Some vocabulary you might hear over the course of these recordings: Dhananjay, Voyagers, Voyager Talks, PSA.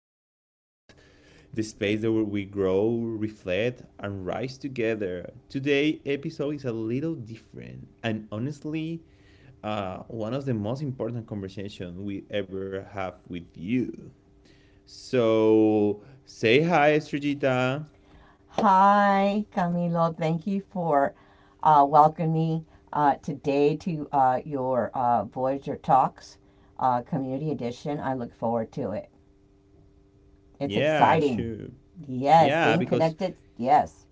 Voyager Talks, the space where we grow, reflect, and rise together. Today, episode is a little different, and honestly, one of the most important conversations we ever have with you. So, say hi, Srijita. Hi, Camilo. Thank you for welcoming me today to your Voyager Talks Community Edition. I look forward to it. It's Yeah, exciting. sure. Yes, Yeah, staying because connected. Yes,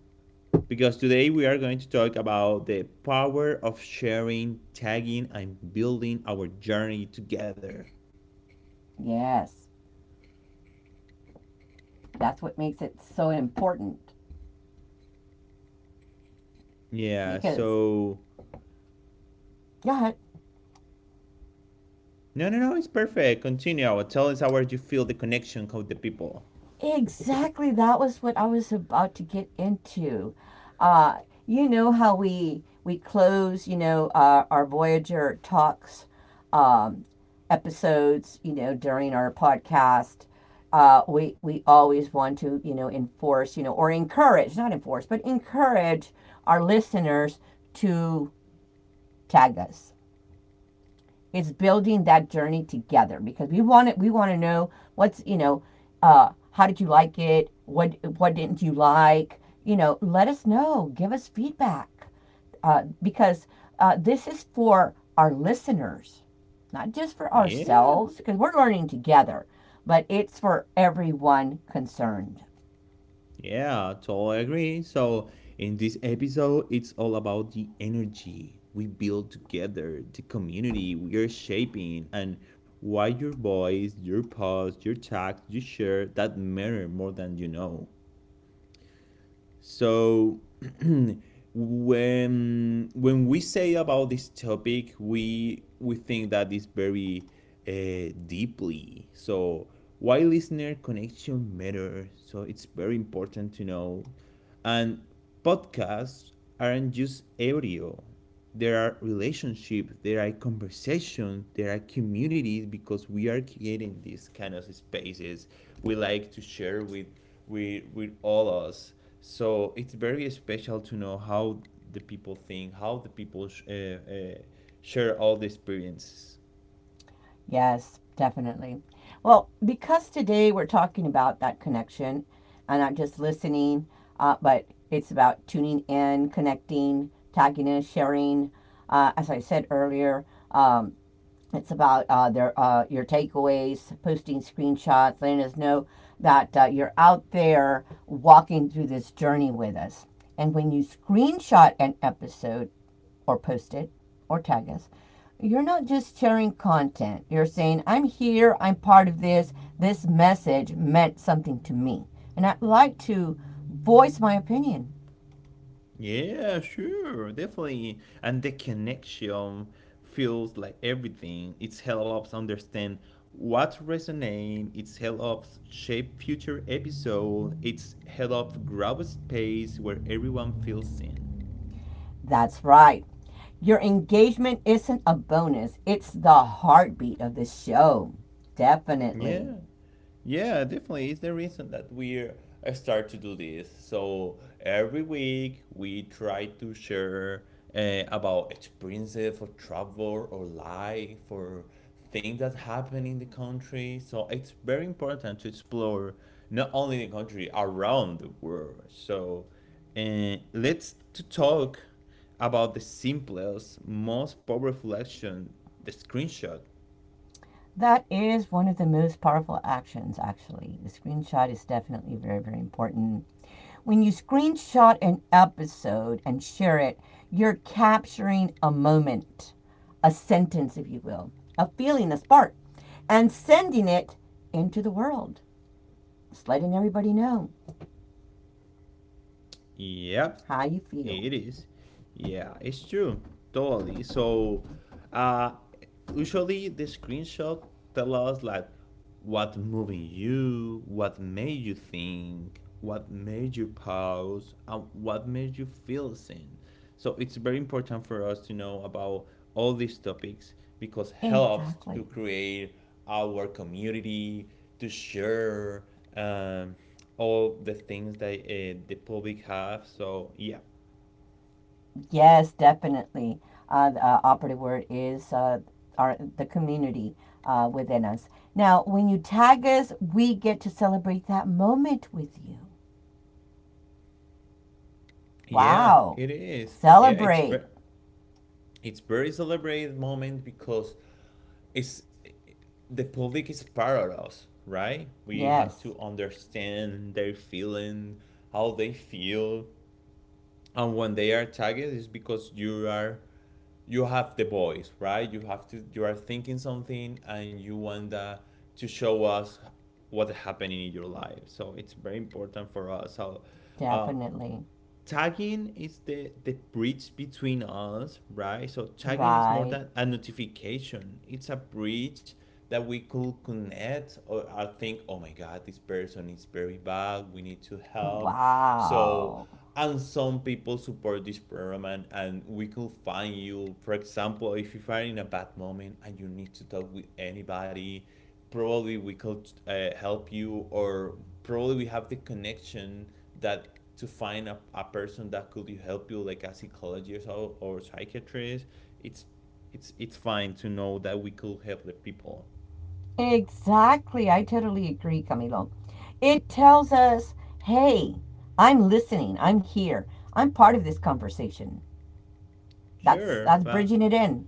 today we are going to talk about the power of sharing, tagging, and building our journey together. yes. That's what makes it so important Yeah, because. so Go ahead. no, no, no, it's perfect. Continue. Tell us how you feel the connection with the people. Exactly. That was what I was about to get into. Uh, you know how we close, our Voyager talks um, episodes, during our podcast. We always want to, enforce, or encourage, not enforce, but encourage our listeners to tag us. It's building that journey together because we want it. We want to know what's how did you like it? What didn't you like? You know, let us know. Give us feedback because this is for our listeners, not just for Yeah, ourselves because we're learning together, but it's for everyone concerned. yeah, totally agree. So, in this episode, it's all about the energy we build together, the community we are shaping, and why your voice, your post, your text, your share that matter more than you know. So when we say about this topic, we think that it's very deeply. So why listener connection matters. So it's very important to know, and podcasts aren't just audio. There are relationships, there are conversations, there are communities because we are creating these kind of spaces we like to share with all us. So it's very special to know how the people think, how the people share all the experiences. Yes, definitely. Well, because today we're talking about that connection and not just listening, but it's about tuning in, connecting, tagging in, sharing. As I said earlier, um, it's about their your takeaways, posting screenshots, letting us know that you're out there walking through this journey with us. And when you screenshot an episode, or post it, or tag us, you're not just sharing content. You're saying, "I'm here. I'm part of this. This message meant something to me, and I'd like to voice my opinion." Yeah, sure, definitely. And the connection feels like everything. It helps understand what resonates. It helps shape future episode. It helps grab a space where everyone feels seen. That's right. Your engagement isn't a bonus, it's the heartbeat of the show. Yeah. Definitely. Yeah, definitely. It's the reason that we start to do this. So every week we try to share about experiences or travel or life or things that happen in the country. So it's very important to explore not only the country around the world. So let's to talk about the simplest, most powerful action, the screenshot. That is one of the most powerful actions, actually. The screenshot is definitely very, very important. When you screenshot an episode and share it, you're capturing a moment, a sentence, if you will, a feeling, a spark, and sending it into the world. Just letting everybody know Yep. how you feel. It is. Yeah, it's true. Totally. So, uh, usually the screenshot tell us like what moving you, what made you think, what made you pause, and what made you feel seen. So it's very important for us to know about all these topics because helps to Exactly. create our community, to share um, all the things that the public have. So yeah. Yes, definitely. The operative word is our, the community within us. Now, when you tag us, we get to celebrate that moment with you. Yeah, Wow. it is. Yeah, it's Celebrate. it's very celebrated moment because it's the public is part of us, right? We have Yes, to understand their feeling, how they feel, and when they are targeted, is because you are you have the voice, right? You have to you are thinking something, and you want that to show us what happening in your life. So it's very important for us how uh, definitely. tagging is the bridge between us, right? So tagging is more Right. than a notification, it's a bridge that we could connect, or I think, oh my god, this person is very bad, we need to help. So Wow. and some people support this program, and we could find you, for example, if you are in a bad moment and you need to talk with anybody, probably we could help you, or probably we have the connection that to find a person that could help you like a psychologist or psychiatrist. It's it's it's fine to know that we could help the people. Exactly. I totally agree, Camilo. It tells us, hey, I'm listening. I'm here. I'm part of this conversation. That's Sure, that's but bridging it in.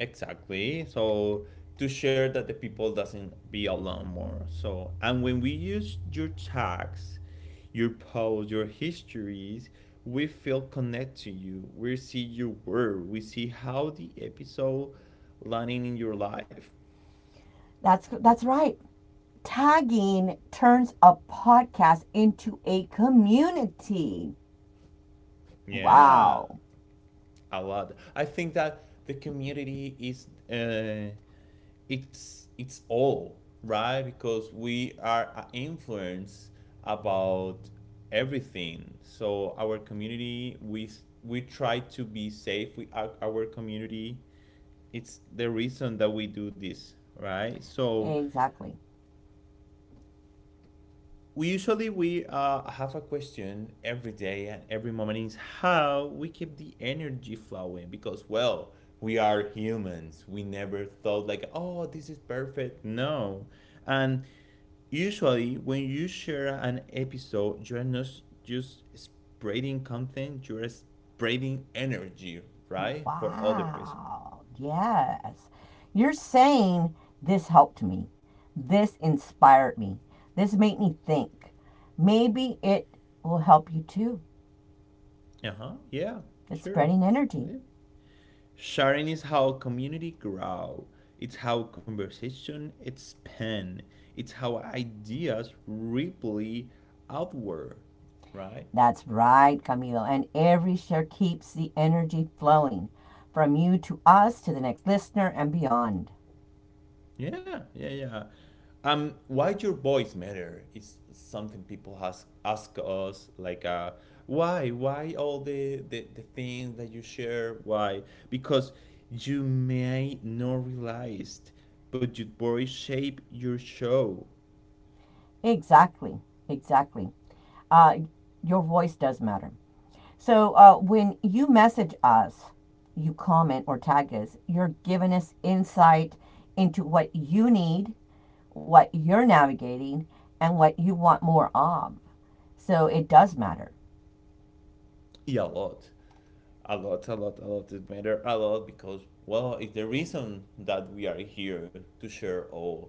exactly, so to share that the people doesn't be alone more. So and when we use your tags, your posts, your histories, we feel connected to you, we see your word, we see how the episode landing in your life. That's right. Tagging turns a podcast into a community. Yeah, Wow. a lot. I think that the community is it's all right because we are a influence about everything. So our community we try to be safe with our community. It's the reason that we do this, right? So Exactly. we usually we have a question every day, and every moment is how we keep the energy flowing, because well, we are humans, we never thought like, oh, this is perfect, no. And usually when you share an episode, you're not just spreading content, you're spreading energy, right? For other people. Wow. Yes. You're saying this helped me. This inspired me. This made me think. Maybe it will help you too. Uh-huh, yeah, It's sure, spreading energy. yeah. Sharing is how community grow. It's how conversation expand. It's how ideas ripple outward, right? That's right, Camilo. And every share keeps the energy flowing from you to us to the next listener and beyond. Yeah, yeah, yeah. Why your voice matter is something people ask us, like why all the, the things that you share, why? Because you may not realize, but your voice shape your show. Exactly. Exactly. uh, your voice does matter. So when you message us, you comment or tag us, you're giving us insight into what you need, what you're navigating, and what you want more of. So it does matter. Yeah, a lot, a lot, a lot, a lot. It matters a lot because well, it's the reason that we are here to share all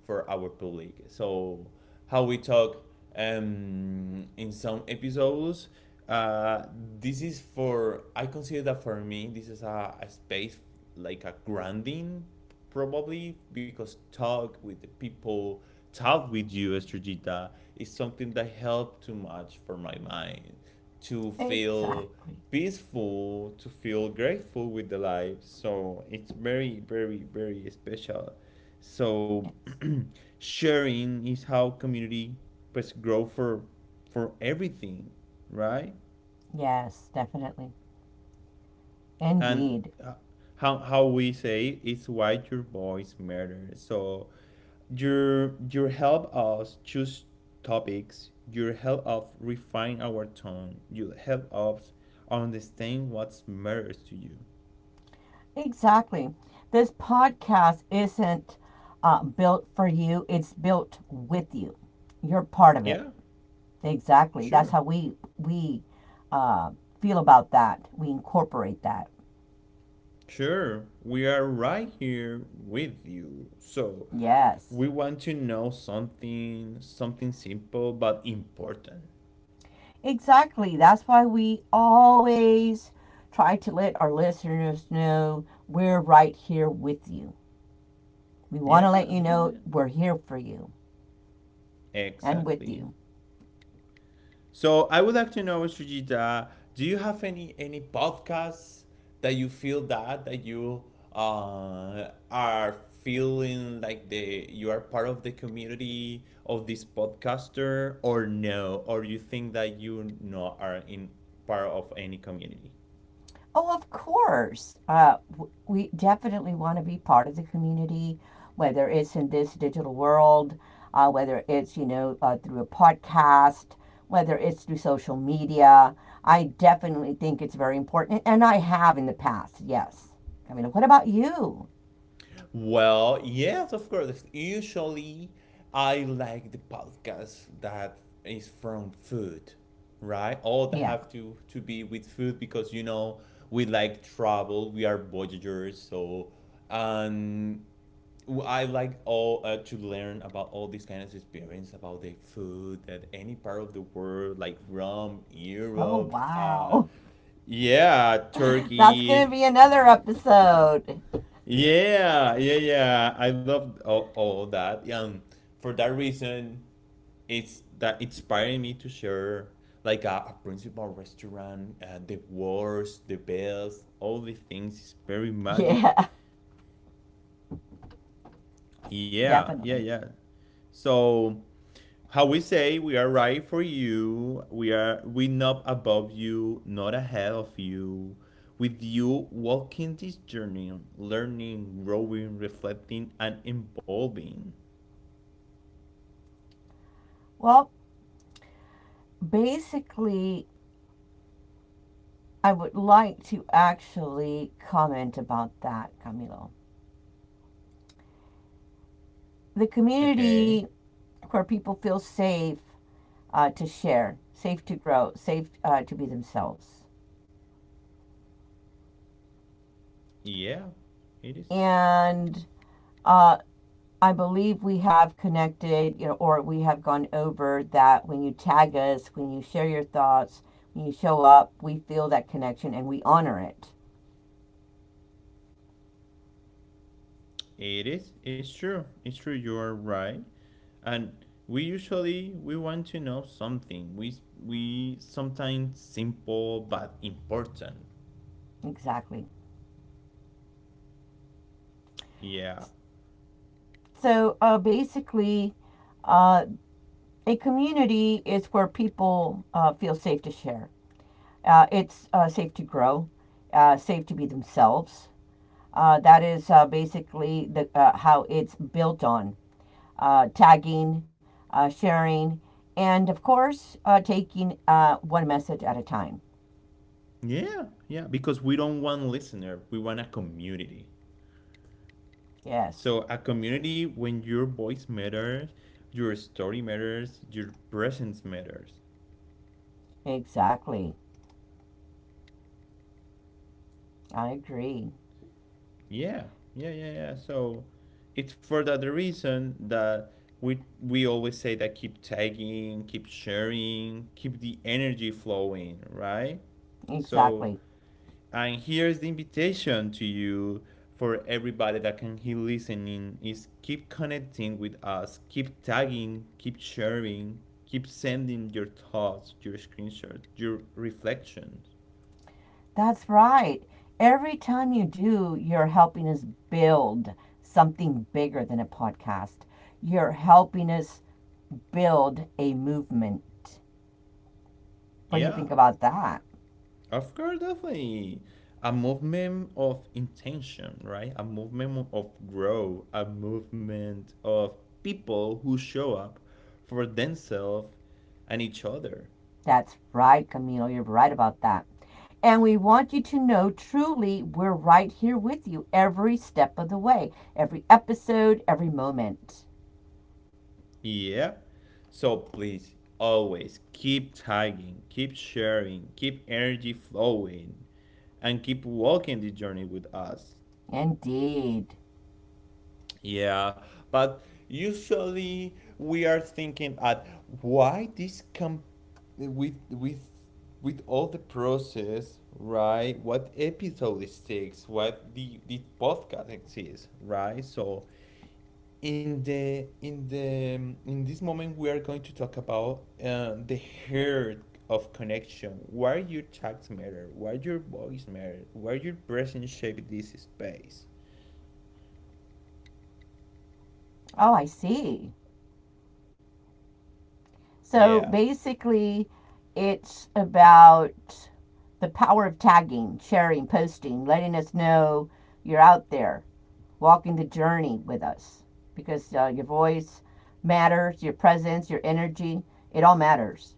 for our public. So how we talk in some episodes. Uh, this is for I consider that for me this is a space like a grounding, probably because talk with the people, talk with you, Estrogita, is something that helped too much for my mind to feel Exactly. peaceful, to feel grateful with the life. So it's very, very, very special. So Yes. sharing is how community pues grow for everything, right? Yes, definitely. And Indeed. How we say it's why your voice matters. So your help us choose topics, your help us refine our tone, you help us understand what matters to you. Exactly. This podcast isn't built for you, it's built with you. You're part of it. Yeah, Exactly. That's sure, how we we uh, feel about that. We incorporate that. sure, we are right here with you, so we Yes. want to know something, something simple but important. Exactly. That's why we always try to let our listeners know we're right here with you. We want to Yeah, let you yeah, yeah, know we're here for you and with exactly. you. So I would like to know, Sujita, do you have any podcasts that you feel that that you are feeling like the you are part of the community of this podcaster, or no, or you think that you no are in part of any community? Oh, of course. We definitely want to be part of the community, whether it's in this digital world, whether it's, through a podcast, whether it's through social media. I definitely think it's very important. And I have in the past, yes. I mean, what about you? Well, yes, of course. Usually, I like the podcast that is from food, right? All that Yeah. have to be with food because you know we like travel. We are voyagers, so um, I like all to learn about all these kind of experience about the food at any part of the world, like Rome, Oh, Europe, wow. yeah, That's going Turkey, to be another episode. yeah, yeah, yeah. I love all that. For that reason, it's that inspiring me to share like a principal restaurant, the worst, the best, all the things is very magic. Yeah, Yeah, yeah, definitely. yeah. So how we say we are right for you, we are we not above you, not ahead of you. With you walking this journey, learning, growing, reflecting, and evolving. Well, basically, I would like to actually comment about that, Camilo. The Okay. community where people feel safe to share, safe to grow, safe to be themselves. Yeah, it is. And uh, I believe we have connected, or we have gone over that when you tag us, when you share your thoughts, when you show up, we feel that connection and we honor it. It is. It's true. It's true. You are right. And we usually we want to know something. We we sometimes simple but important. Exactly. Yeah. So basically, uh, A community is where people feel safe to share. It's safe to grow, safe to be themselves. That is basically how it's built on tagging, sharing, and of course, taking one message at a time. Yeah. Yeah. Because we don't want listener. We want a community. Yes, So a community when your voice matters, your story matters, your presence matters. exactly. I agree. Yeah, yeah, yeah, yeah. So it's for that reason that we always say that keep tagging, keep sharing, keep the energy flowing, right? So Exactly. and here's the invitation to you, for everybody that can keep listening, is keep connecting with us, keep tagging, keep sharing, keep sending your thoughts, your screenshots, your reflections. That's right. Every time you do, you're helping us build something bigger than a podcast. You're helping us build a movement. What do you Yeah. think about that? Of course, definitely. A movement of intention, right? A movement of growth, a movement of people who show up for themselves and each other. That's right, Camilo. You're right about that. And we want you to know truly we're right here with you every step of the way, every episode, every moment. Yep. So please always keep tagging, keep sharing, keep energy flowing, and keep walking this journey with us. Indeed. Yeah, but usually we are thinking at why this com, with with with all the process, right? What episode it takes, what the podcast exists, right? So in the in this moment we are going to talk about the hurt of connection. Why your tags matter? Why your voice matter? Why your presence shape this space? Oh, I see. So Yeah. basically, it's about the power of tagging, sharing, posting, letting us know you're out there, walking the journey with us, because your voice matters, your presence, your energy, it all matters.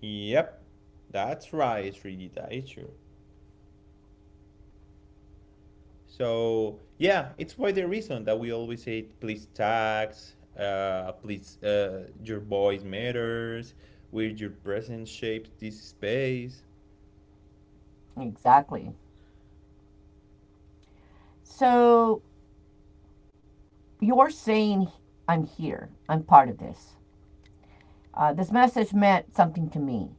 Yep, that's right, Rita. It's true. So yeah, it's why the reason that we always say please tax, please your voice matters, with your presence shapes this space. Exactly. So you're saying, I'm here, I'm part of this. This message meant something to me.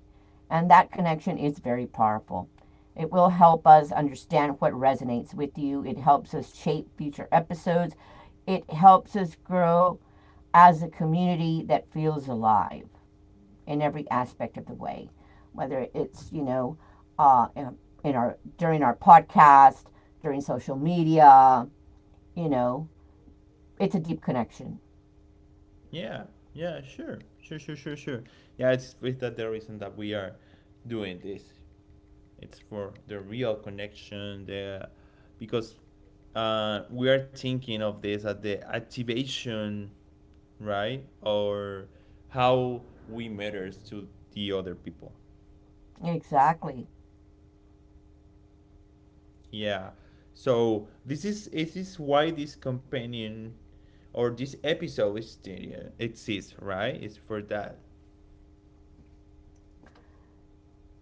And that connection is very powerful. It will help us understand what resonates with you. It helps us shape future episodes. It helps us grow as a community that feels alive in every aspect of the way, whether it's, you know, in our during our podcast, during social media, you know, it's a deep connection. Yeah, yeah, sure, sure, sure, sure, sure. Yeah, it's with that the reason that we are doing this. It's for the real connection, the because we are thinking of this as the activation, right? Or how we matters to the other people. Exactly. Yeah. So this is why this companion or this episode is exists, right? It's for that.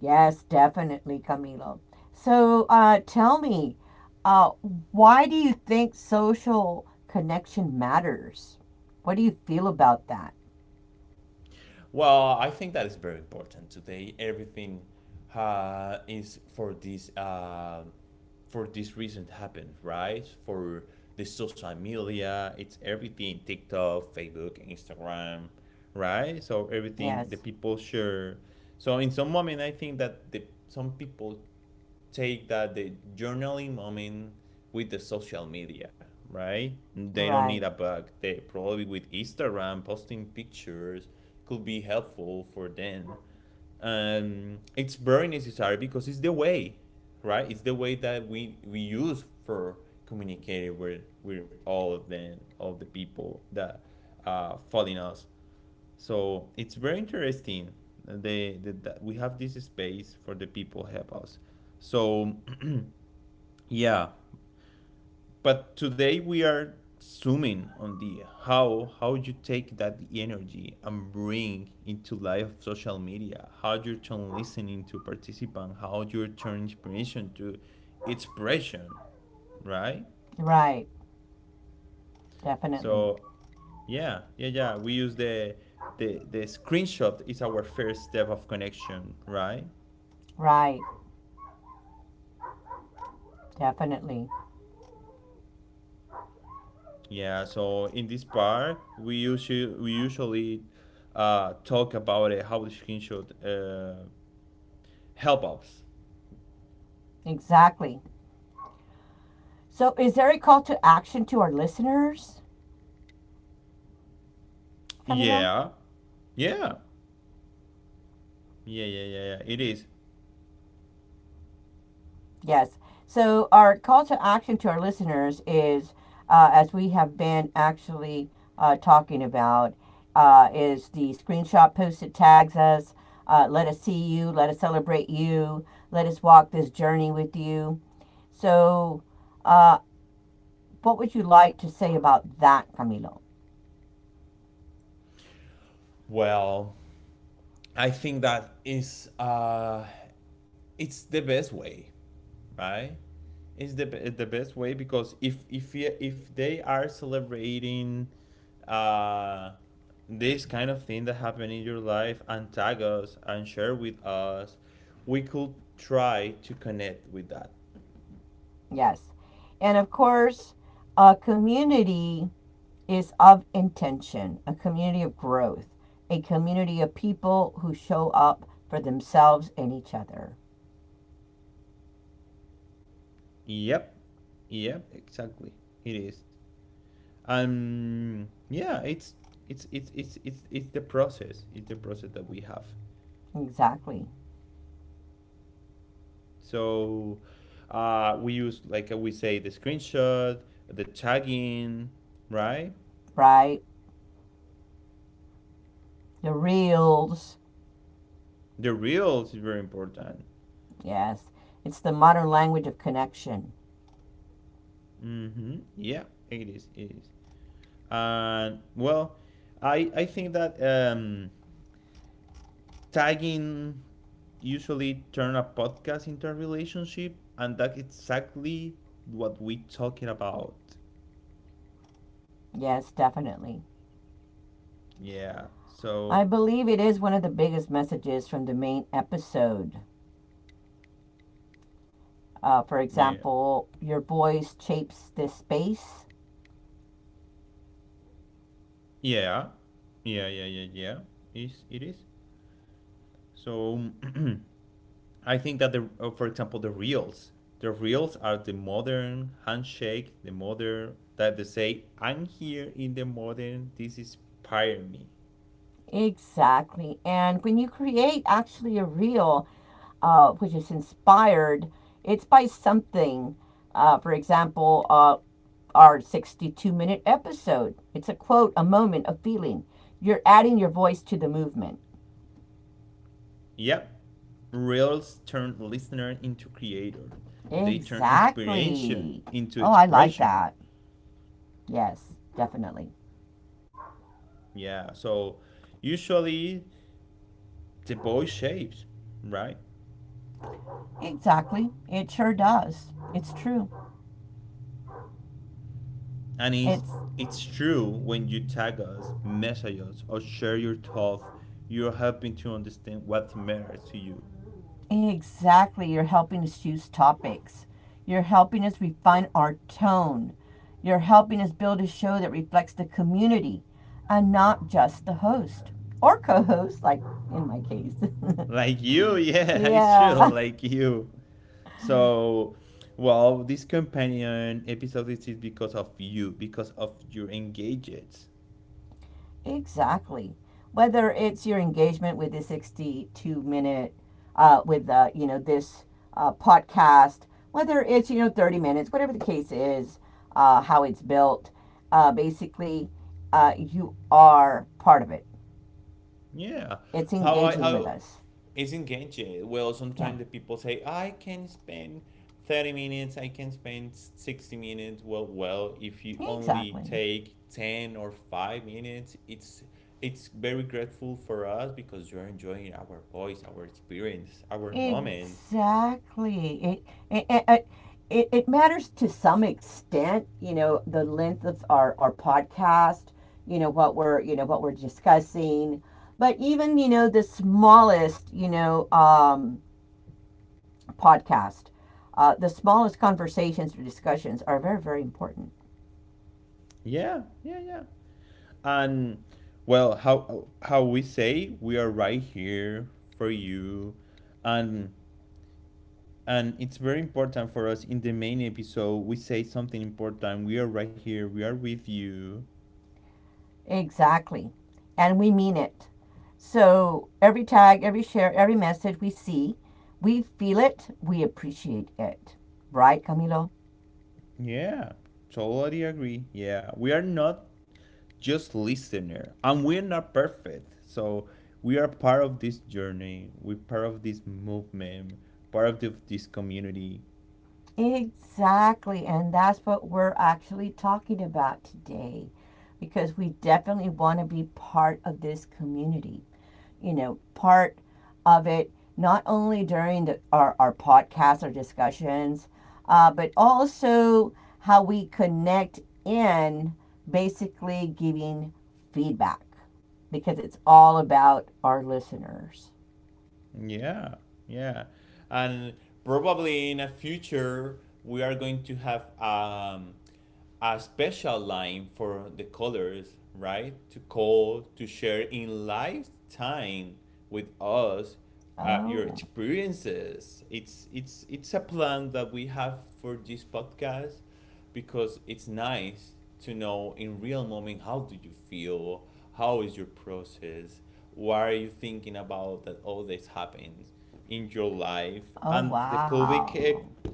Yes, definitely, Camilo. So, tell me, uh, why do you think social connection matters? What do you feel about that? Well, I think that is very important today. Everything is for this reason happened, right? For the social media, it's everything TikTok, Facebook, Instagram, right? So everything the Yes, people share. So in some moment, I think that the some people take that the journaling moment with the social media, right? They don't need right, a bug. They probably with Instagram posting pictures could be helpful for them. It's very necessary because it's the way, right? It's the way that we use for communicating with all of them, all the people that following us. So it's very interesting. They, that we have this space for the people help us. So yeah, but today we are zooming on the how you take that energy and bring into life of social media, how you turn listening to participant, how you turn inspiration to expression, right? right, definitely, So yeah. We use the screenshot is our first step of connection, right? right, definitely, Yeah. So in this part, we usually talk about how the screenshot help ups. exactly. So, is there a call to action to our listeners, Camilo? Yeah. Yeah. Yeah It is. Yes. So our call to action to our listeners is, as we have been actually talking about, is the screenshot post that tags us. Let us see you. Let us celebrate you. Let us walk this journey with you. So, uh, what would you like to say about that, Camilo? Well, I think that is it's the best way, right? It's the best way because if if they are celebrating uh this kind of thing that happened in your life and tag us and share with us, we could try to connect with that. Yes. And of course, community is of intention, a community of growth, a community of people who show up for themselves and each other. Yep. Yep, exactly. It is. And yeah it's the process, that we have. Exactly, So we use like, we say the screenshot, the tagging, right? right? The reels, The reels is very important. yes. It's the modern language of connection. Mm-hmm. Yeah, it is, it is. And well, I think that tagging usually turn a podcast into a relationship, and that's exactly what we are talking about. Yes, definitely. Yeah. I So believe it is one of the biggest messages from the main episode. For yeah, example, your voice shapes this space. yeah, yeah. Is it is? So I think that for example, the reels. The reels are the modern handshake. The modern that they say, "I'm here in the modern. This inspire me." Exactly. And when you create actually a reel, which is inspired, it's by something. For example, our 62-minute minute episode. It's a quote, a moment, a feeling. You're adding your voice to the movement. Yep. Reels turn listener into creator. They turn inspiration Exactly. into Oh, I like expression. that. Yes, definitely. Yeah. So usually the boy shapes, right? Exactly. It sure does. It's true. And It's it's true. When you tag us, message us, or share your thoughts, you're helping to understand what matters to you. Exactly. You're helping us choose topics. You're helping us refine our tone. You're helping us build a show that reflects the community and not just the host or co host, like in my case. Like you, yeah, it's true, yeah. like you. So, well, this companion episode is because of you, because of your engagements. Exactly. Whether it's your engagement with the 62-minute minute, with you know this podcast, whether it's you know 30 minutes, whatever the case is, how it's built, basically, you are part of it. Yeah. It's How engaging with I us. it's engaging. Well, Yeah. sometimes the people say, I can spend 30 minutes, I can spend 60 minutes. Well, if you only Exactly. take 10 or 5 minutes, it's very grateful for us because you're enjoying our voice, our experience, our moments. Exactly. It, it, it- it matters to some extent, you know, the length of our podcast, you know, you know, what we're discussing. But even, you know, the smallest, you know, podcast, the smallest conversations or discussions are very, very important. Yeah. And well, how we say, we are right here for you. And it's very important for us. In the main episode we say something important: we are right here, we are with you. Exactly. And we mean it. So every tag, every share, every message we see, we feel it, we appreciate it. Right, Camilo? Yeah, totally agree. Yeah, we are not just listener, and we're not perfect. So we are part of this journey, we're part of this movement, part of this community. Exactly. And that's what we're actually talking about today because we definitely want to be part of this community. You know, part of it, not only during our podcasts, or discussions, but also how we connect in basically giving feedback because it's all about our listeners. Yeah, yeah. And probably in a future we are going to have, a special line for the colors, right? To call, to share in lifetime with us your Oh, experiences. It's a plan that we have for this podcast because it's nice to know in real moment how do you feel, how is your process, what are you thinking about that all this happens in your life, oh, and the public wow.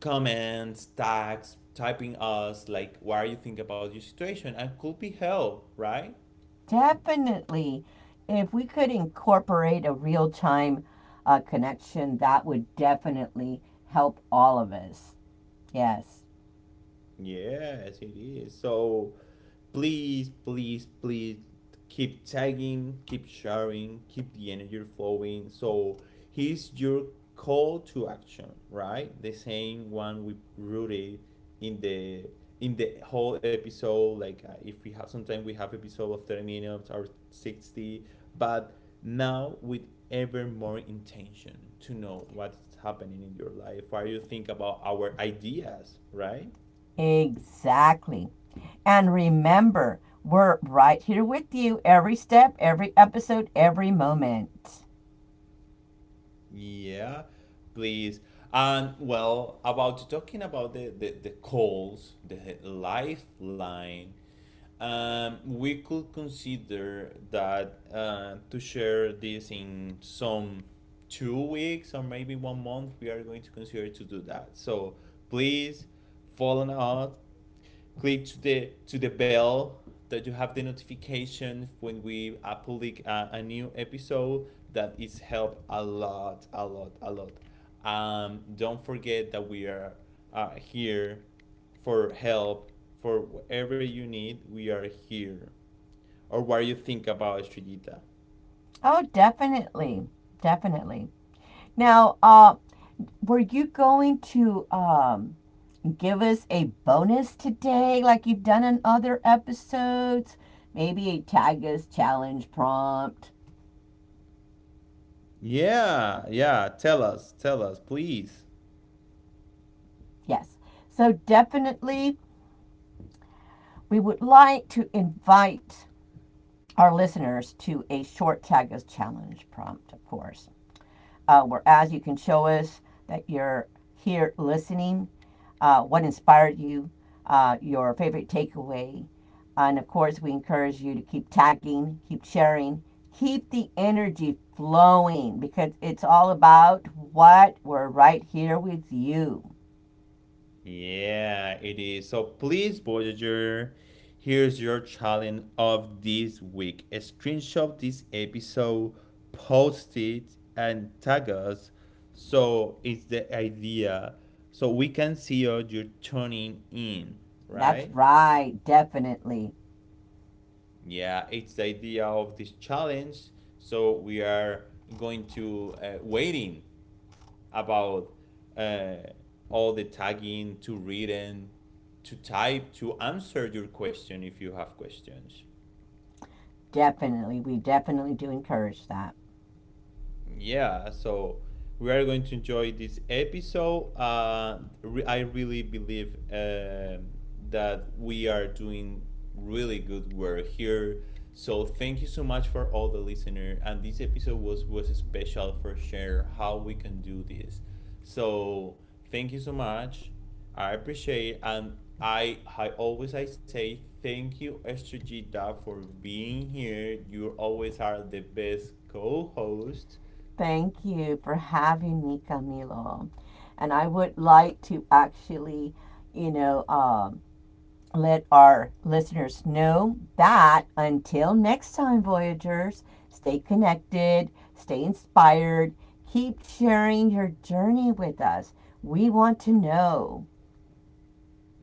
comments, tags, typing us, like what do you think about your situation and could be help, right? Definitely. If we could incorporate a real time connection, that would definitely help all of us. Yes, Yes, it is. So please keep tagging, keep sharing, keep the energy flowing. So here's your call to action, right? The same one we rooted in the in the whole episode. Like if we have, sometimes we have episode of 30 minutes or 60, but now with ever more intention to know what's happening in your life. Why you think about our ideas, right? exactly. And remember, we're right here with you every step, every episode, every moment. Yeah, please. And well, about talking about the calls, the lifeline. We could consider that, to share this in some 2 weeks or maybe 1 month. We are going to consider to do that. So please follow us, click to the bell, that you have the notification when we public a new episode. That is help a lot. Don't forget that we are here for help. For whatever you need, we are here. Or what do you think about Estrellita? Oh, definitely. Definitely. Now, were you going to give us a bonus today, like you've done in other episodes? Maybe a tag us challenge prompt. Yeah Tell us, tell us, please. Yes. So, definitely, we would like to invite our listeners to a short tag us challenge prompt, of course. Whereas you can show us that you're here listening, what inspired you, your favorite takeaway. And of course, we encourage you to keep tagging, keep sharing, keep the energy flowing because it's all about what we're right here with you. Yeah, it is. So please, Voyager, here's your challenge of this week. Screenshot this episode, post it, and tag us. So it's the idea. So we can see what you're tuning in, That's right? right, definitely. Yeah, it's the idea of this challenge. So we are going to, waiting about uh, all the tagging, to reading, to type, to answer your question if you have questions. Definitely. We definitely do encourage that. Yeah, so we are going to enjoy this episode. I really believe that we are doing really good work here. So thank you so much for all the listener. And this episode was special for share how we can do this. So thank you so much. I appreciate. And I say thank you, Estrogita, for being here. You always are the best co-host. Thank you for having me, Camilo. And I would like to actually, you know, um, let our listeners know that until next time, Voyagers, stay connected, stay inspired, keep sharing your journey with us. We want to know.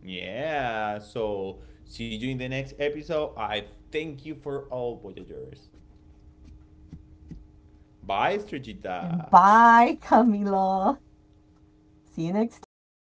Yeah, so see you in the next episode. I thank you for all Voyagers. Bye, And Estrellita. bye, Camilo. See you next time.